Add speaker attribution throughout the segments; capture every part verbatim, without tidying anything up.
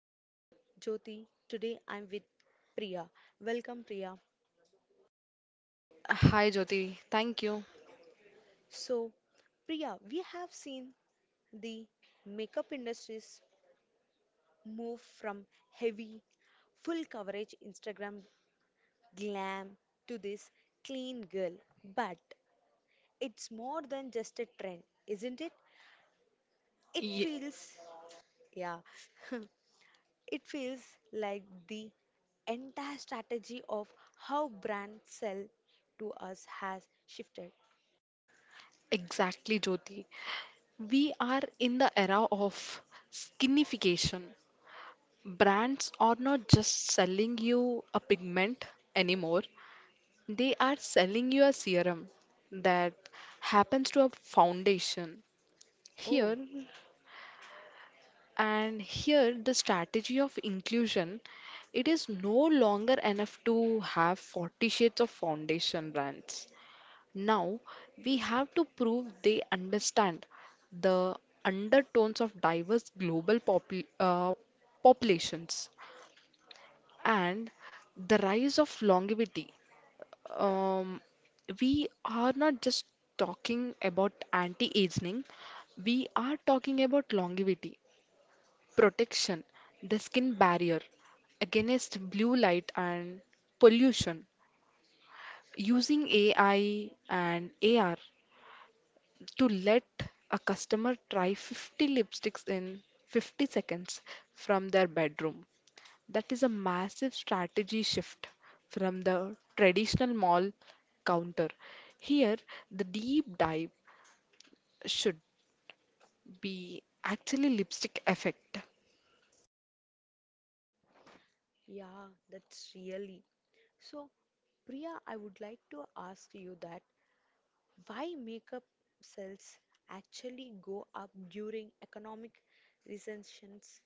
Speaker 1: I'm here, Jyoti. Today I'm with Priya. Welcome, Priya.
Speaker 2: Hi Jyoti, thank you.
Speaker 1: So, Priya, we have seen the makeup industries move from heavy, full coverage Instagram glam to this clean girl. But it's more than just a trend, isn't it? It
Speaker 2: Ye-
Speaker 1: feels, yeah. It feels like the entire strategy of how brands sell to us has shifted.
Speaker 2: exactly, Jyoti. We are in the era of skinification. Brands are not just selling you a pigment anymore, they are selling you a serum that happens to a foundation. Here
Speaker 1: Oh,
Speaker 2: and here, the strategy of inclusion, it is no longer enough to have forty shades of foundation brands. Now we have to prove they understand the undertones of diverse global popul- uh, populations and the rise of longevity. Um, we are not just talking about anti-aging, we are talking about longevity, protection, the skin barrier against blue light and pollution. Using A I and A R to let a customer try fifty lipsticks in fifty seconds from their bedroom. That is a massive strategy shift from the traditional mall counter. Here, the deep dive should be actually lipstick effect.
Speaker 1: yeah, that's really. So, Priya, I would like to ask you that why makeup sales actually go up during economic recessions?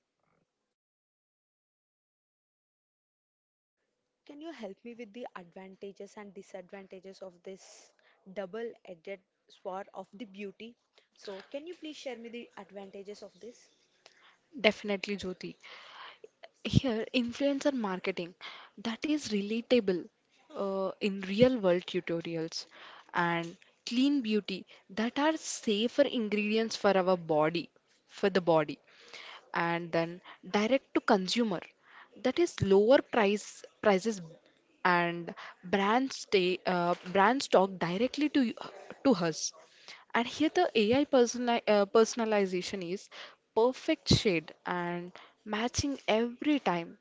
Speaker 1: Can you help me with the advantages and disadvantages of this double-edged sword of the beauty? So, can you please share me the advantages of this?
Speaker 2: Definitely, Jyoti. Here, influencer marketing that is relatable, uh, in real world tutorials, and clean beauty that are safer ingredients for our body, for the body. And then direct to consumer, that is lower price prices, and brands stay, uh, brands talk directly to you, to us. And here the ai personali- uh, personalization is perfect shade and matching every time.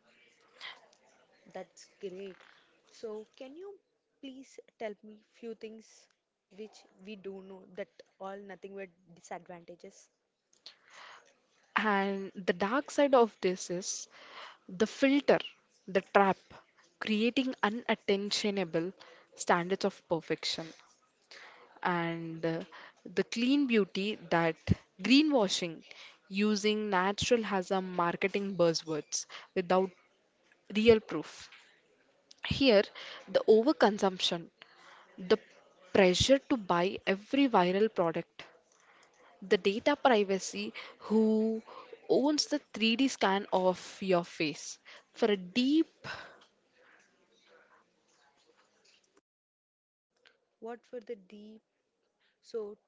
Speaker 1: That's great. So, can you please tell me few things which we do know that all nothing were disadvantages?
Speaker 2: And the dark side of this is the filter, the trap, creating unattainable standards of perfection and uh, the clean beauty, that greenwashing, using natural has a marketing buzzwords without real proof. Here, the overconsumption, the pressure to buy every viral product, the data privacy, who owns the three D scan of your face for a deep.
Speaker 1: What were the deep? So,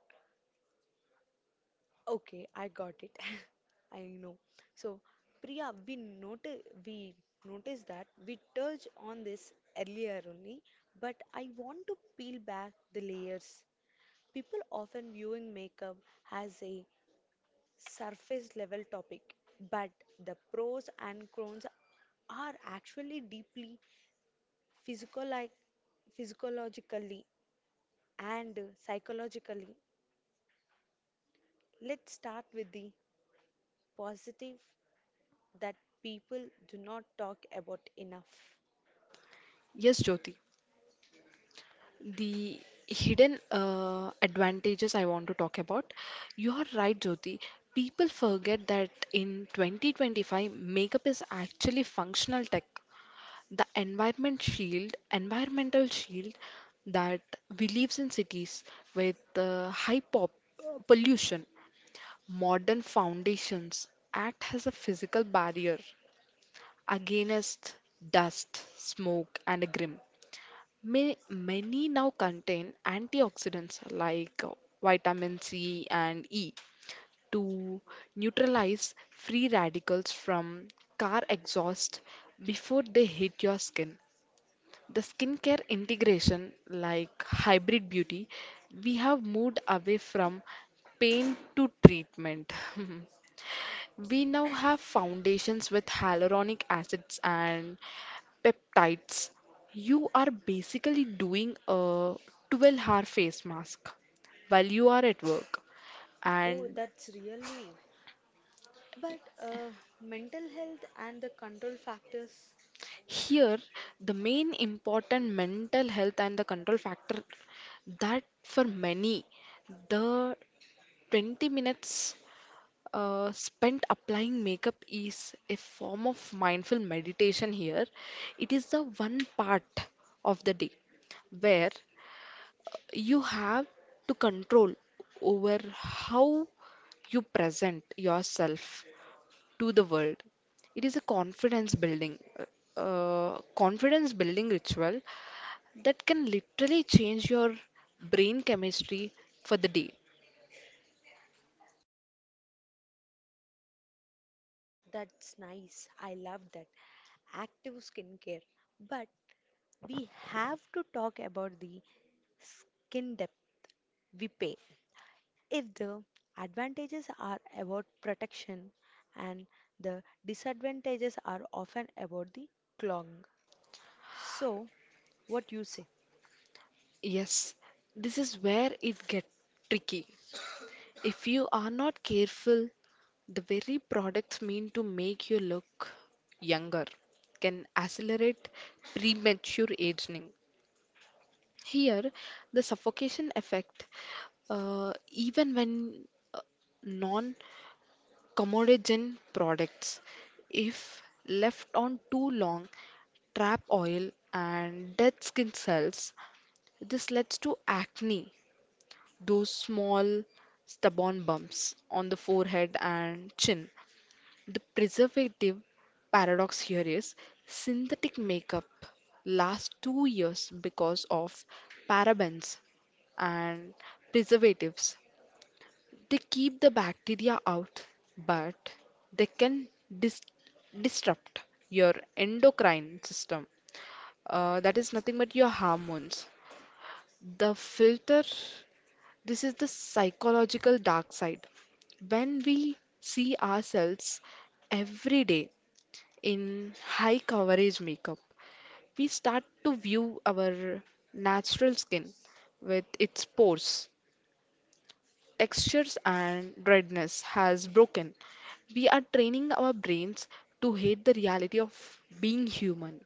Speaker 1: okay, I got it. I know. So, Priya, we noticed we noticed that we touched on this earlier only, but I want to peel back the layers. People often viewing makeup as a surface level topic, but the pros and cons are actually deeply physical- physiologically and psychologically. Let's start with the positive that people do not talk about enough.
Speaker 2: Yes, Jyoti. The hidden uh, advantages I want to talk about. You are right, Jyoti. People forget that in twenty twenty-five, makeup is actually functional tech. The environment shield, environmental shield, that we live in cities with uh, high pop uh, pollution. Modern foundations act as a physical barrier against dust, smoke, and a grim. May, many now contain antioxidants like uh, vitamin C and E to neutralize free radicals from car exhaust before they hit your skin. The skincare integration, like hybrid beauty, we have moved away from pain to treatment. We now have foundations with hyaluronic acids and peptides. You are basically doing a twelve hour face mask while you are at work.
Speaker 1: Oh,
Speaker 2: And
Speaker 1: that's really. But uh, mental health and the control factors,
Speaker 2: here, the main important mental health and the control factor, that for many, the twenty minutes Uh, spent applying makeup is a form of mindful meditation here. It is the one part of the day where you have to control over how you present yourself to the world. It is a confidence building, uh, confidence building ritual that can literally change your brain chemistry for the day.
Speaker 1: that's nice. I love that. Active skincare. But we have to talk about the skin depth we pay. If the advantages are about protection and the disadvantages are often about the clogging. So, what you say?
Speaker 2: Yes, this is where it gets tricky. If you are not careful, the very products mean to make you look younger can accelerate premature aging. Here, the suffocation effect, uh, even when non commodogen products, if left on too long, trap oil and dead skin cells. This leads to acne, those small stubborn bumps on the forehead and chin. The preservative paradox here is synthetic makeup lasts two years because of parabens and preservatives. They keep the bacteria out, but they can dis- disrupt your endocrine system. Uh, that is nothing but your hormones. The filter, this is the psychological dark side. When we see ourselves every day in high coverage makeup, we start to view our natural skin with its pores, textures, and redness has broken. We are training our brains to hate the reality of being human.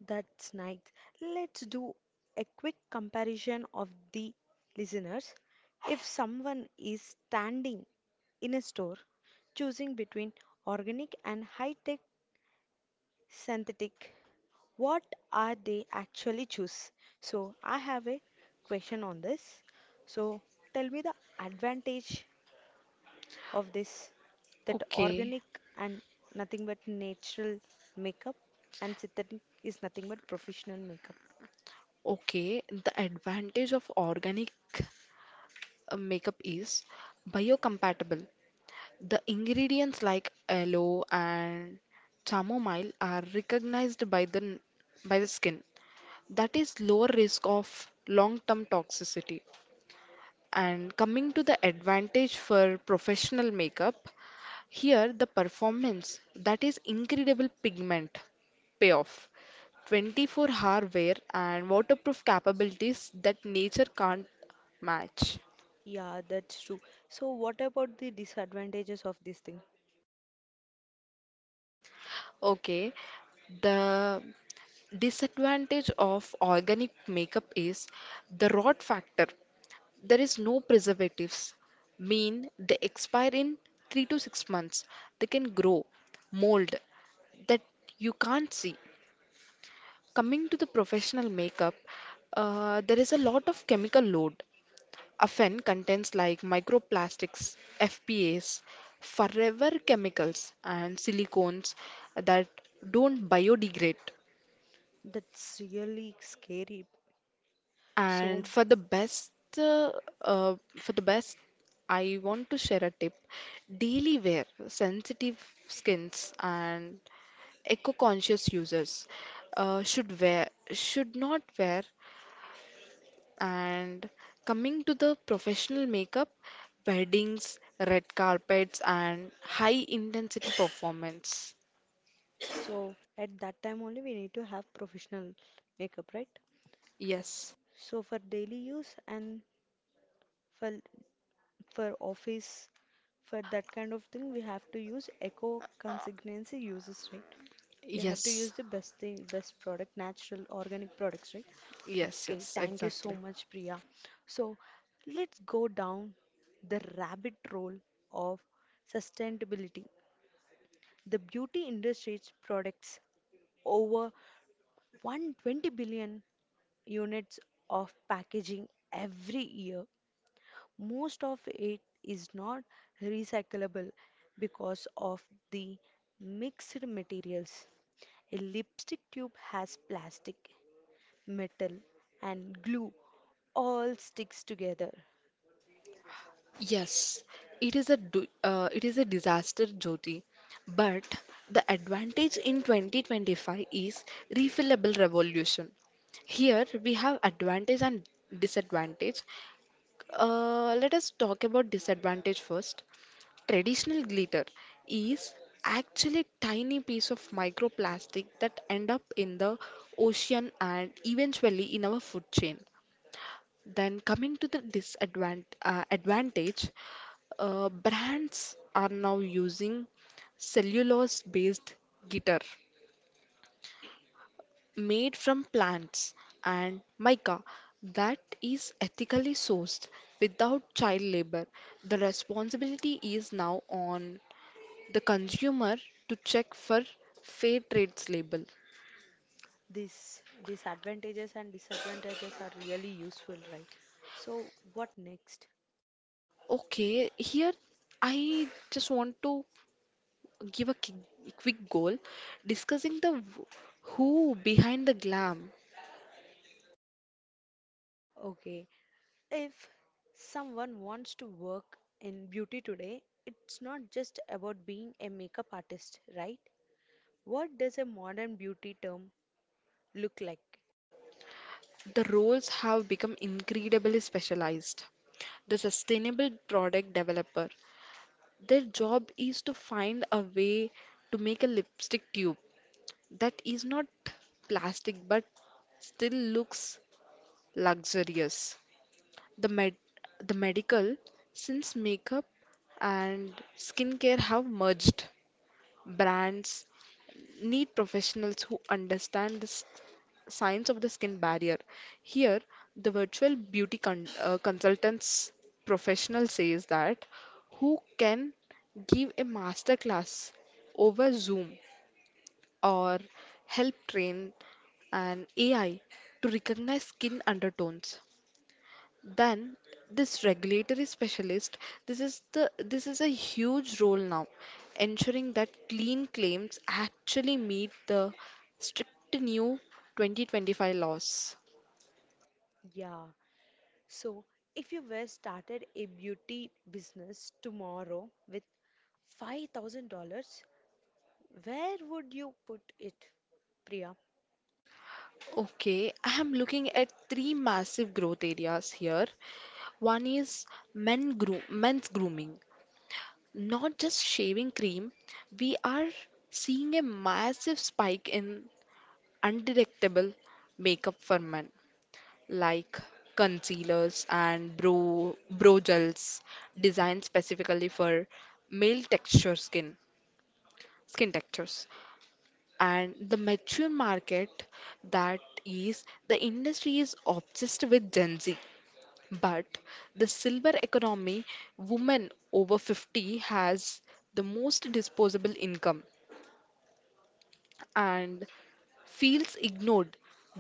Speaker 1: That's nice. Let's do a quick comparison of the listeners. If someone is standing in a store choosing between organic and high-tech synthetic, what are they actually choose? So I have a question on this. So tell me the advantage of this, that
Speaker 2: Okay,
Speaker 1: organic and nothing but natural makeup, and synthetic is nothing but professional makeup.
Speaker 2: okay. The advantage of organic uh, makeup is biocompatible. The ingredients like aloe and chamomile are recognized by the n- by the skin. That is lower risk of long-term toxicity. And coming to the advantage for professional makeup, here the performance, that is incredible pigment payoff. twenty-four hour wear and waterproof capabilities that nature can't match.
Speaker 1: Yeah, that's true. So what about the disadvantages of this thing?
Speaker 2: Okay, the disadvantage of organic makeup is the rot factor. There is no preservatives, mean they expire in three to six months. They can grow, mold that you can't see. Coming to the professional makeup, uh, there is a lot of chemical load, often contents like microplastics, F P As, forever chemicals, and silicones that don't biodegrade.
Speaker 1: That's really scary. So,
Speaker 2: And for the best, uh, uh, for the best, I want to share a tip: daily wear, sensitive skins, and eco-conscious users uh, should wear should not wear. And coming to the professional makeup, weddings, red carpets, and high intensity performance.
Speaker 1: so at that time only we need to have professional makeup, right?
Speaker 2: Yes,
Speaker 1: So for daily use and for for office, for that kind of thing, we have to use eco consignancy uses, right? We have to
Speaker 2: yes,
Speaker 1: use the best thing, best product, natural organic products, right?
Speaker 2: yes,
Speaker 1: Okay,
Speaker 2: yes,
Speaker 1: thank you so
Speaker 2: exactly.
Speaker 1: much, Priya. So let's go down the rabbit hole of sustainability. The beauty industry's products over one hundred twenty billion units of packaging every year. Most of it is not recyclable because of the mixed materials. A lipstick tube has plastic, metal, and glue all sticks together.
Speaker 2: Yes, it is a du- uh, it is a disaster, Jyoti. But the advantage in twenty twenty-five is refillable revolution. Here we have advantage and disadvantage. Uh, let us talk about disadvantage first. Traditional glitter is actually tiny piece of microplastic that end up in the ocean and eventually in our food chain. Then coming to the disadvantage, uh, advantage, uh, brands are now using cellulose-based guitar made from plants and mica that is ethically sourced without child labor. The responsibility is now on the consumer to check for fair trades label.
Speaker 1: This these advantages and disadvantages are really useful, right? So what next?
Speaker 2: Okay, here I just want to give a ki- quick goal discussing the w- who behind the glam.
Speaker 1: Okay, if someone wants to work in beauty today, it's not just about being a makeup artist, right? What does a modern beauty term look like?
Speaker 2: The roles have become incredibly specialized. The sustainable product developer, their job is to find a way to make a lipstick tube that is not plastic but still looks luxurious. The med the medical, since makeup and skincare have merged, brands need professionals who understand the s- science of the skin barrier. Here, the virtual beauty con- uh, consultants professional says that who can give a master class over Zoom or help train an A I to recognize skin undertones. Then this regulatory specialist, this is the this is a huge role now, ensuring that clean claims actually meet the strict new twenty twenty-five laws.
Speaker 1: Yeah. So, if you were started a beauty business tomorrow with five thousand dollars where would you put it, Priya?
Speaker 2: Okay, I am looking at three massive growth areas here. One is men groom, men's grooming. Not just shaving cream, we are seeing a massive spike in undetectable makeup for men, like concealers and bro bro gels designed specifically for male texture skin skin textures, and the mature market, that is the industry is obsessed with Gen Z, but the silver economy, women over fifty, has the most disposable income and feels ignored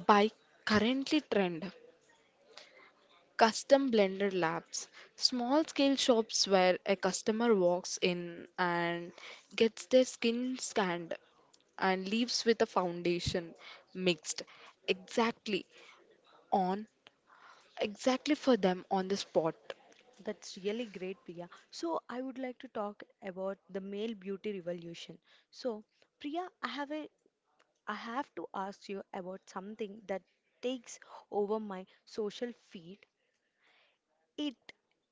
Speaker 2: by currently trend. Custom blender labs, small scale shops where a customer walks in and gets their skin scanned and leaves with a foundation mixed exactly on exactly for them on the spot.
Speaker 1: That's really great, Priya. So, I would like to talk about the male beauty revolution. So, Priya, I have a I have to ask you about something that takes over my social feed. It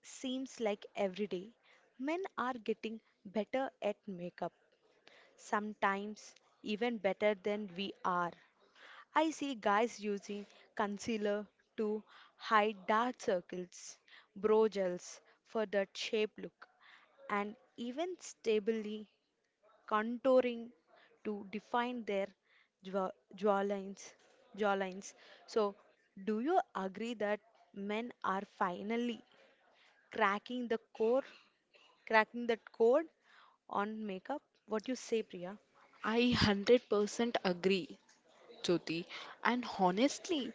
Speaker 1: seems like every day men are getting better at makeup, sometimes even better than we are. I see guys using concealer to hide dark circles, brow gels for that shape look, and even stably contouring to define their jaw- jawlines. jawlines. So, do you agree that men are finally cracking the core, cracking that code on makeup. What you say, Priya?
Speaker 2: I one hundred percent agree, Jyoti. And honestly,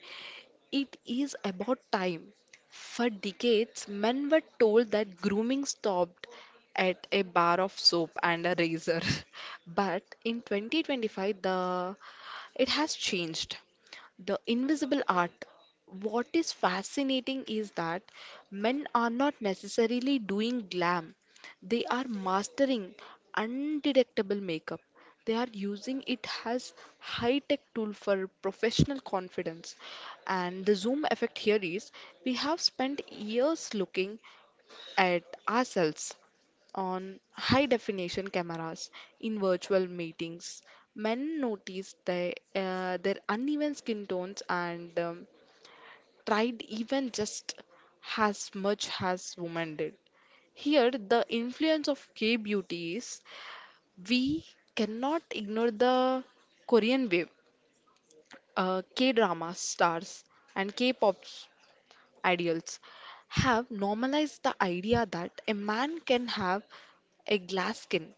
Speaker 2: it is about time. For decades, men were told that grooming stopped at a bar of soap and a razor. But in twenty twenty-five, the it has changed. The invisible art. What is fascinating is that men are not necessarily doing glam. They are mastering undetectable makeup. They are using it as high-tech tool for professional confidence. And the zoom effect here is we have spent years looking at ourselves on high definition cameras in virtual meetings. Men noticed they, uh, their uneven skin tones, and um, tried even just as much as women did. Here, the influence of K beauties, we cannot ignore the Korean wave. Uh, K drama stars and K pop ideals have normalized the idea that a man can have a glass skin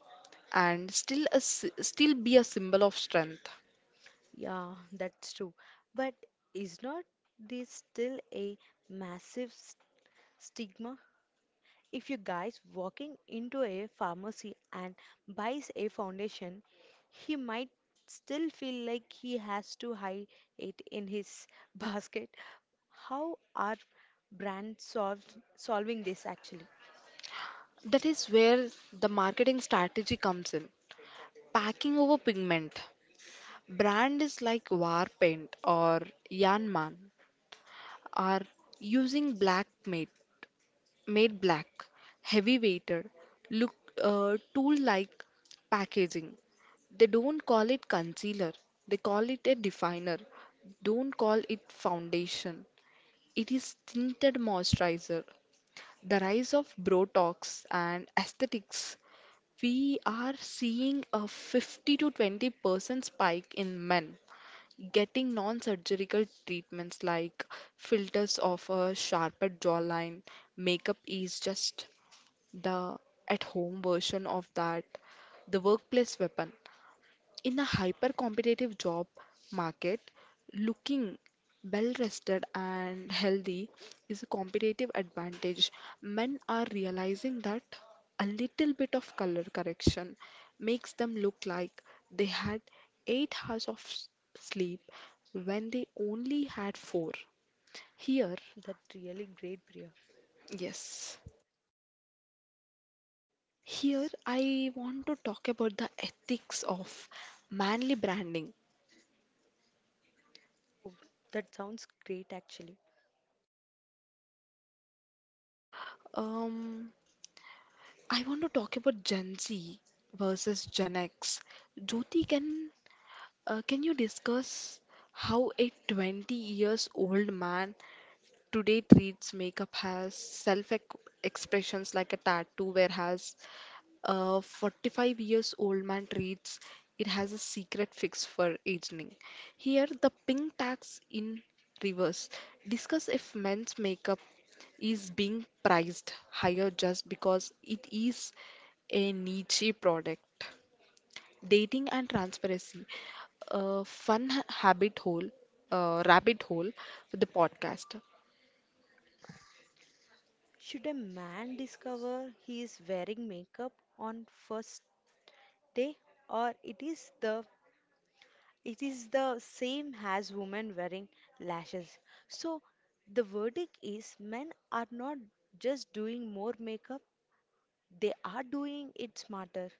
Speaker 2: and still, a, s- still be a symbol of strength.
Speaker 1: Yeah, that's true. But is not this still a massive s- stigma? If you guys walking into a pharmacy and buys a foundation, he might still feel like he has to hide it in his basket. How are brands solve, solving this actually?
Speaker 2: That is where the marketing strategy comes in. Packing over pigment. Brand is like war paint or Yanman, are using black made, made black, heavy weighted, look uh, tool like packaging. They don't call it concealer, they call it a definer. Don't call it foundation. It is tinted moisturizer. The rise of Botox and aesthetics. We are seeing a fifty to twenty percent spike in men getting non-surgical treatments like filters of a sharper jawline. Makeup is just the at-home version of that, the workplace weapon. In a hyper competitive job market, looking well rested and healthy is a competitive advantage. Men are realizing that a little bit of color correction makes them look like they had eight hours of s- sleep when they only had four. Here,
Speaker 1: That really great, Priya.
Speaker 2: yes, here I want to talk about the ethics of manly branding.
Speaker 1: Oh, that sounds great actually.
Speaker 2: Um, I want to talk about Gen Z versus Gen X. Jyoti, can uh, can you discuss how a twenty years old man today treats makeup as self expressions like a tattoo, whereas a forty-five years old man treats it has a secret fix for aging. Here, the pink tax in reverse. Discuss if men's makeup is being priced higher just because it is a niche product. Dating and transparency. A fun ha- habit hole, uh, rabbit hole for the podcast.
Speaker 1: Should a man discover he is wearing makeup on first day or it is the it is the same as women wearing lashes. So the verdict is men are not just doing more makeup, they are doing it smarter.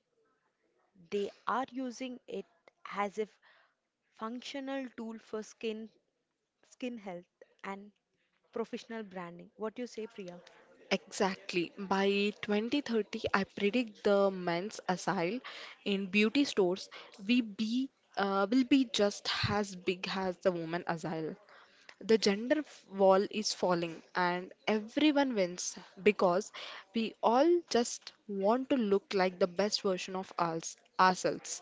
Speaker 1: They are using it as a functional tool for skin skin health and professional branding. What do you say, Priya?
Speaker 2: Exactly. By twenty thirty, I predict the men's aisle in beauty stores we be uh, will be just as big as the women aisle. The gender f- wall is falling and everyone wins because we all just want to look like the best version of ours, ourselves.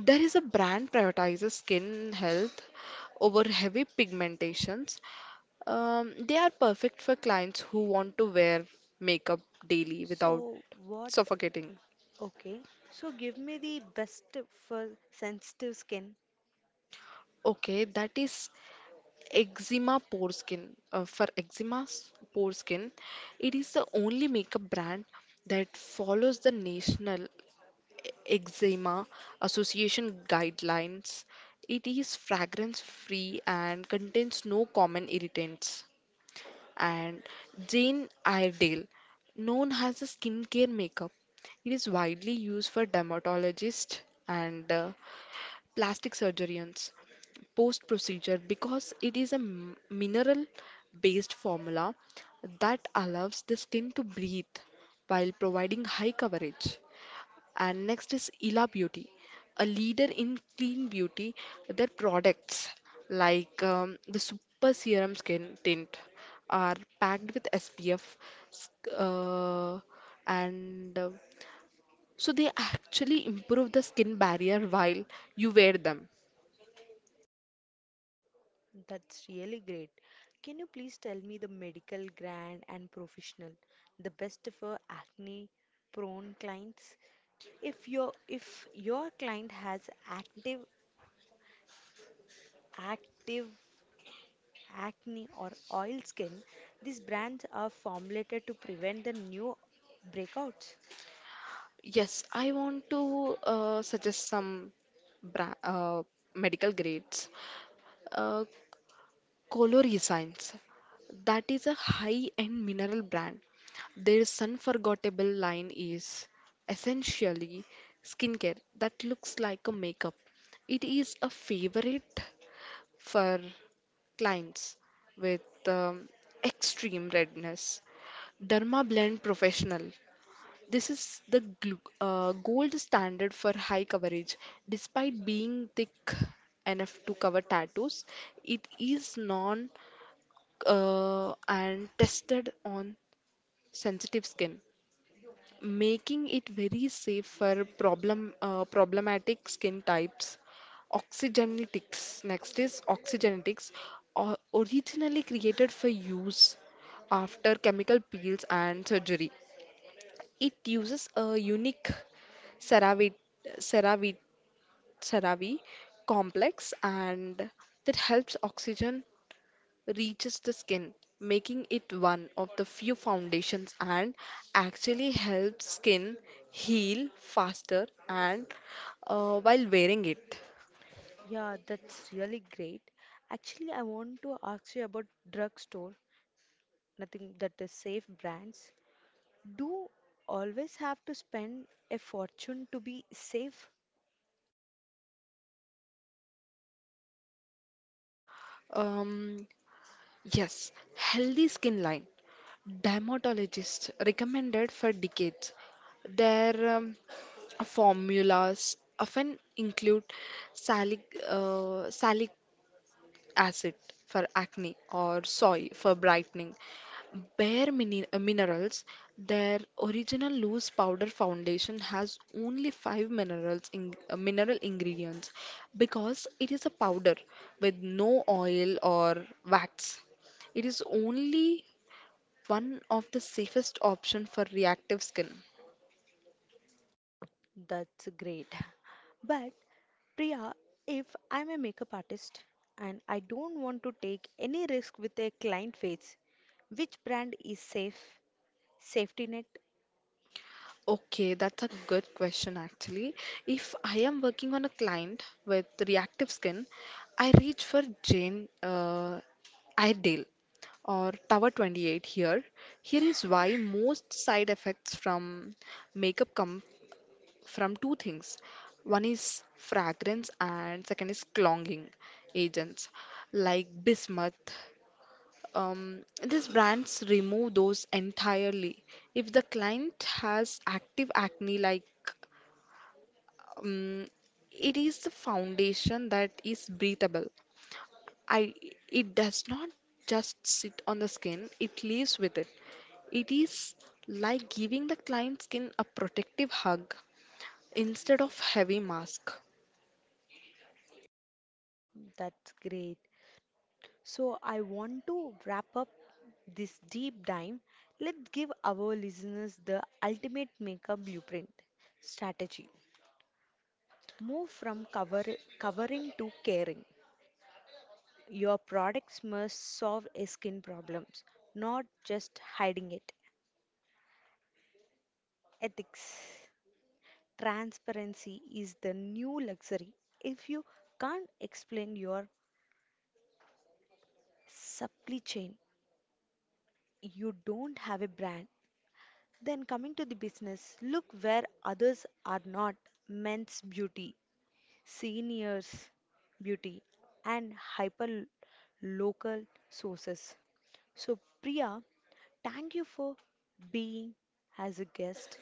Speaker 2: There is a brand prioritizes skin health over heavy pigmentations. Um, they are perfect for clients who want to wear makeup daily without
Speaker 1: So, what.
Speaker 2: suffocating.
Speaker 1: Okay, so give me the best for sensitive skin.
Speaker 2: Okay, that is eczema pore skin. Uh, for eczema s- pore skin, it is the only makeup brand that follows the National Eczema Association guidelines. It is fragrance free and contains no common irritants. And Jane Iredale, known as a skincare makeup. It is widely used for dermatologists and uh, plastic surgeons post procedure because it is a mineral based formula that allows the skin to breathe while providing high coverage. And next is Ila Beauty, a leader in clean beauty. Their products, like um, the Super Serum Skin Tint, are packed with S P F, uh, and uh, so they actually improve the skin barrier while you wear them.
Speaker 1: That's really great. Can you please tell me the medical grade and professional, the best for acne prone clients? If your if your client has active active acne or oil skin, these brands are formulated to prevent the new breakouts.
Speaker 2: Yes, I want to uh, suggest some bra uh, medical grades. Uh, Colorescence, that is a high-end mineral brand. Their unforgettable line is essentially skincare that looks like a makeup. It is a favorite for clients with um, extreme redness. Derma Blend Professional. This is the glu- uh, gold standard for high coverage. Despite being thick enough to cover tattoos, it is non uh, and tested on sensitive skin, making it very safe for problem uh, problematic skin types. Oxygenetics. Next is oxygenetics, o- originally created for use after chemical peels and surgery. It uses a unique CeraVe, CeraVe, CeraVe complex and that helps oxygen reaches the skin, making it one of the few foundations and actually helps skin heal faster and uh, while wearing it.
Speaker 1: Yeah, that's really great. Actually, I want to ask you about drugstore. Nothing that is safe brands do always have to spend a fortune to be safe.
Speaker 2: Um, yes, healthy skin line. Dermatologists recommended for decades. Their um, formulas often include salic, uh, salic acid for acne or soy for brightening. Bare mini- uh, minerals, their original loose powder foundation has only five minerals in, uh, mineral ingredients because it is a powder with no oil or wax. It is only one of the safest option for reactive skin.
Speaker 1: That's great. But Priya, if I'm a makeup artist and I don't want to take any risk with a client face, which brand is safe? Safety net?
Speaker 2: Okay, that's a good question actually. If I am working on a client with reactive skin, I reach for Jane uh, Iredale or Tower twenty-eight here. Here is why most side effects from makeup come from two things. One is fragrance and second is clogging agents like bismuth. Um, these brands remove those entirely. If the client has active acne, like um, it is the foundation that is breathable. I It does not just sit on the skin; it lives with it. It is like giving the client skin a protective hug instead of heavy mask.
Speaker 1: That's great. So I want to wrap up this deep dive. Let's give our listeners the ultimate makeup blueprint strategy. Move from cover, covering to caring. Your products must solve skin problems, not just hiding it. Ethics. Transparency is the new luxury. If you can't explain your supply chain, you don't have a brand. Then coming to the business, look where others are not. Men's beauty, seniors beauty, and hyper local sources. So, Priya, thank you for being as a guest.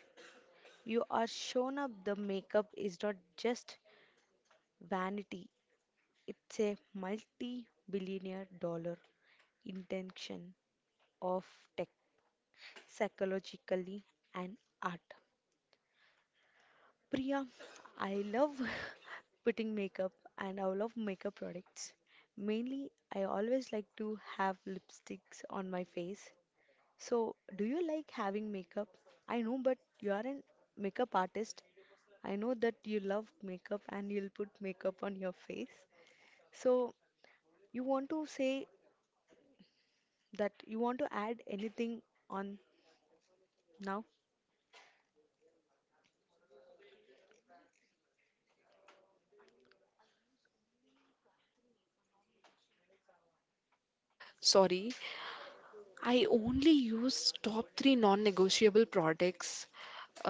Speaker 1: You are shown up the makeup is not just vanity, it's a multi billionaire dollar intention of tech, psychologically, and art. Priya, I love putting makeup and I love makeup products. Mainly, I always like to have lipsticks on my face. So, do you like having makeup? I know, but you are a makeup artist. I know that you love makeup and you'll put makeup on your face. So, you want to say that you want to add anything on now?
Speaker 2: Sorry, I only use top three non-negotiable products.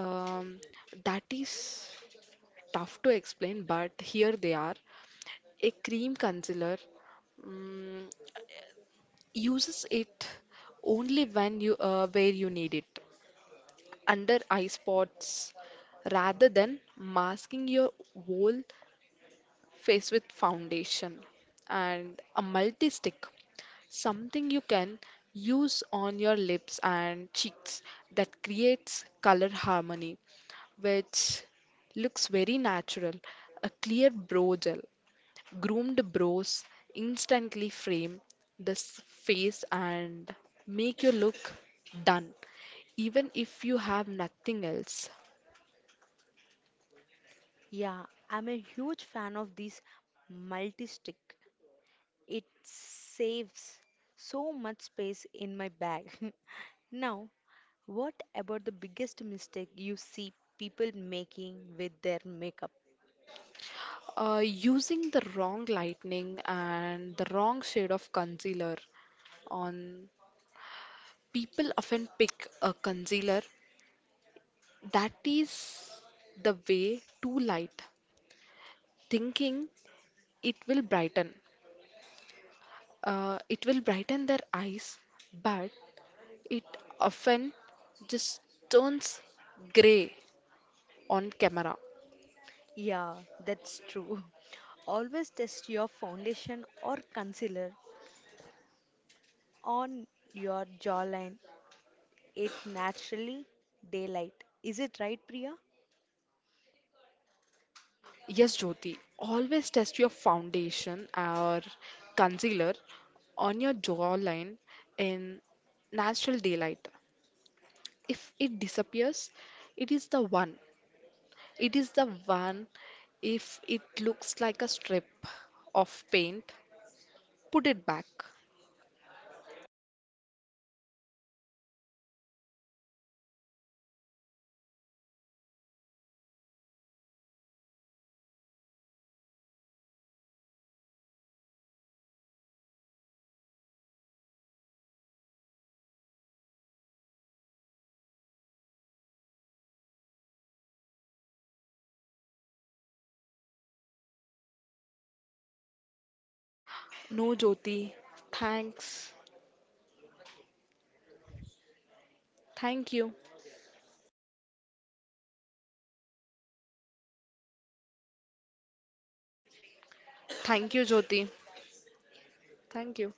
Speaker 2: Um, that is. Tough to explain, but here they are. A cream concealer mm uses it only when you uh, where you need it, under eye spots, rather than masking your whole face with foundation. And a multi stick, something you can use on your lips and cheeks that creates color harmony which looks very natural. A clear brow gel. Groomed bros instantly frame the s- face and make you look done, even if you have nothing else.
Speaker 1: Yeah, I'm a huge fan of this multi stick. It saves so much space in my bag. Now, what about the biggest mistake you see people making with their makeup?
Speaker 2: Uh, using the wrong lightning and the wrong shade of concealer on, people often pick a concealer that is the way too light, thinking it will brighten. Uh, it will brighten their eyes, but it often just turns grey on camera.
Speaker 1: Yeah, that's true. Always test your foundation or concealer on your jawline. It naturally daylight. Is it right, Priya?
Speaker 2: Yes, Jyoti, always test your foundation or concealer on your jawline in natural daylight. If it disappears, it is the one. It is the one. If it looks like a strip of paint, put it back.
Speaker 1: It's been a pleasure, Priya. So, remember everyone, the most beautiful thing you can wear in your own confidence, but our good concealer defines health. So, Priya, any words from your end?
Speaker 2: No, Jyoti. Thanks. Thank you.
Speaker 1: So, Priya, thank you for being here. Thank you so much. Have a great day. Have
Speaker 2: Thank
Speaker 1: a
Speaker 2: you,
Speaker 1: great
Speaker 2: Jyoti.
Speaker 1: day, guys.
Speaker 2: Thank you.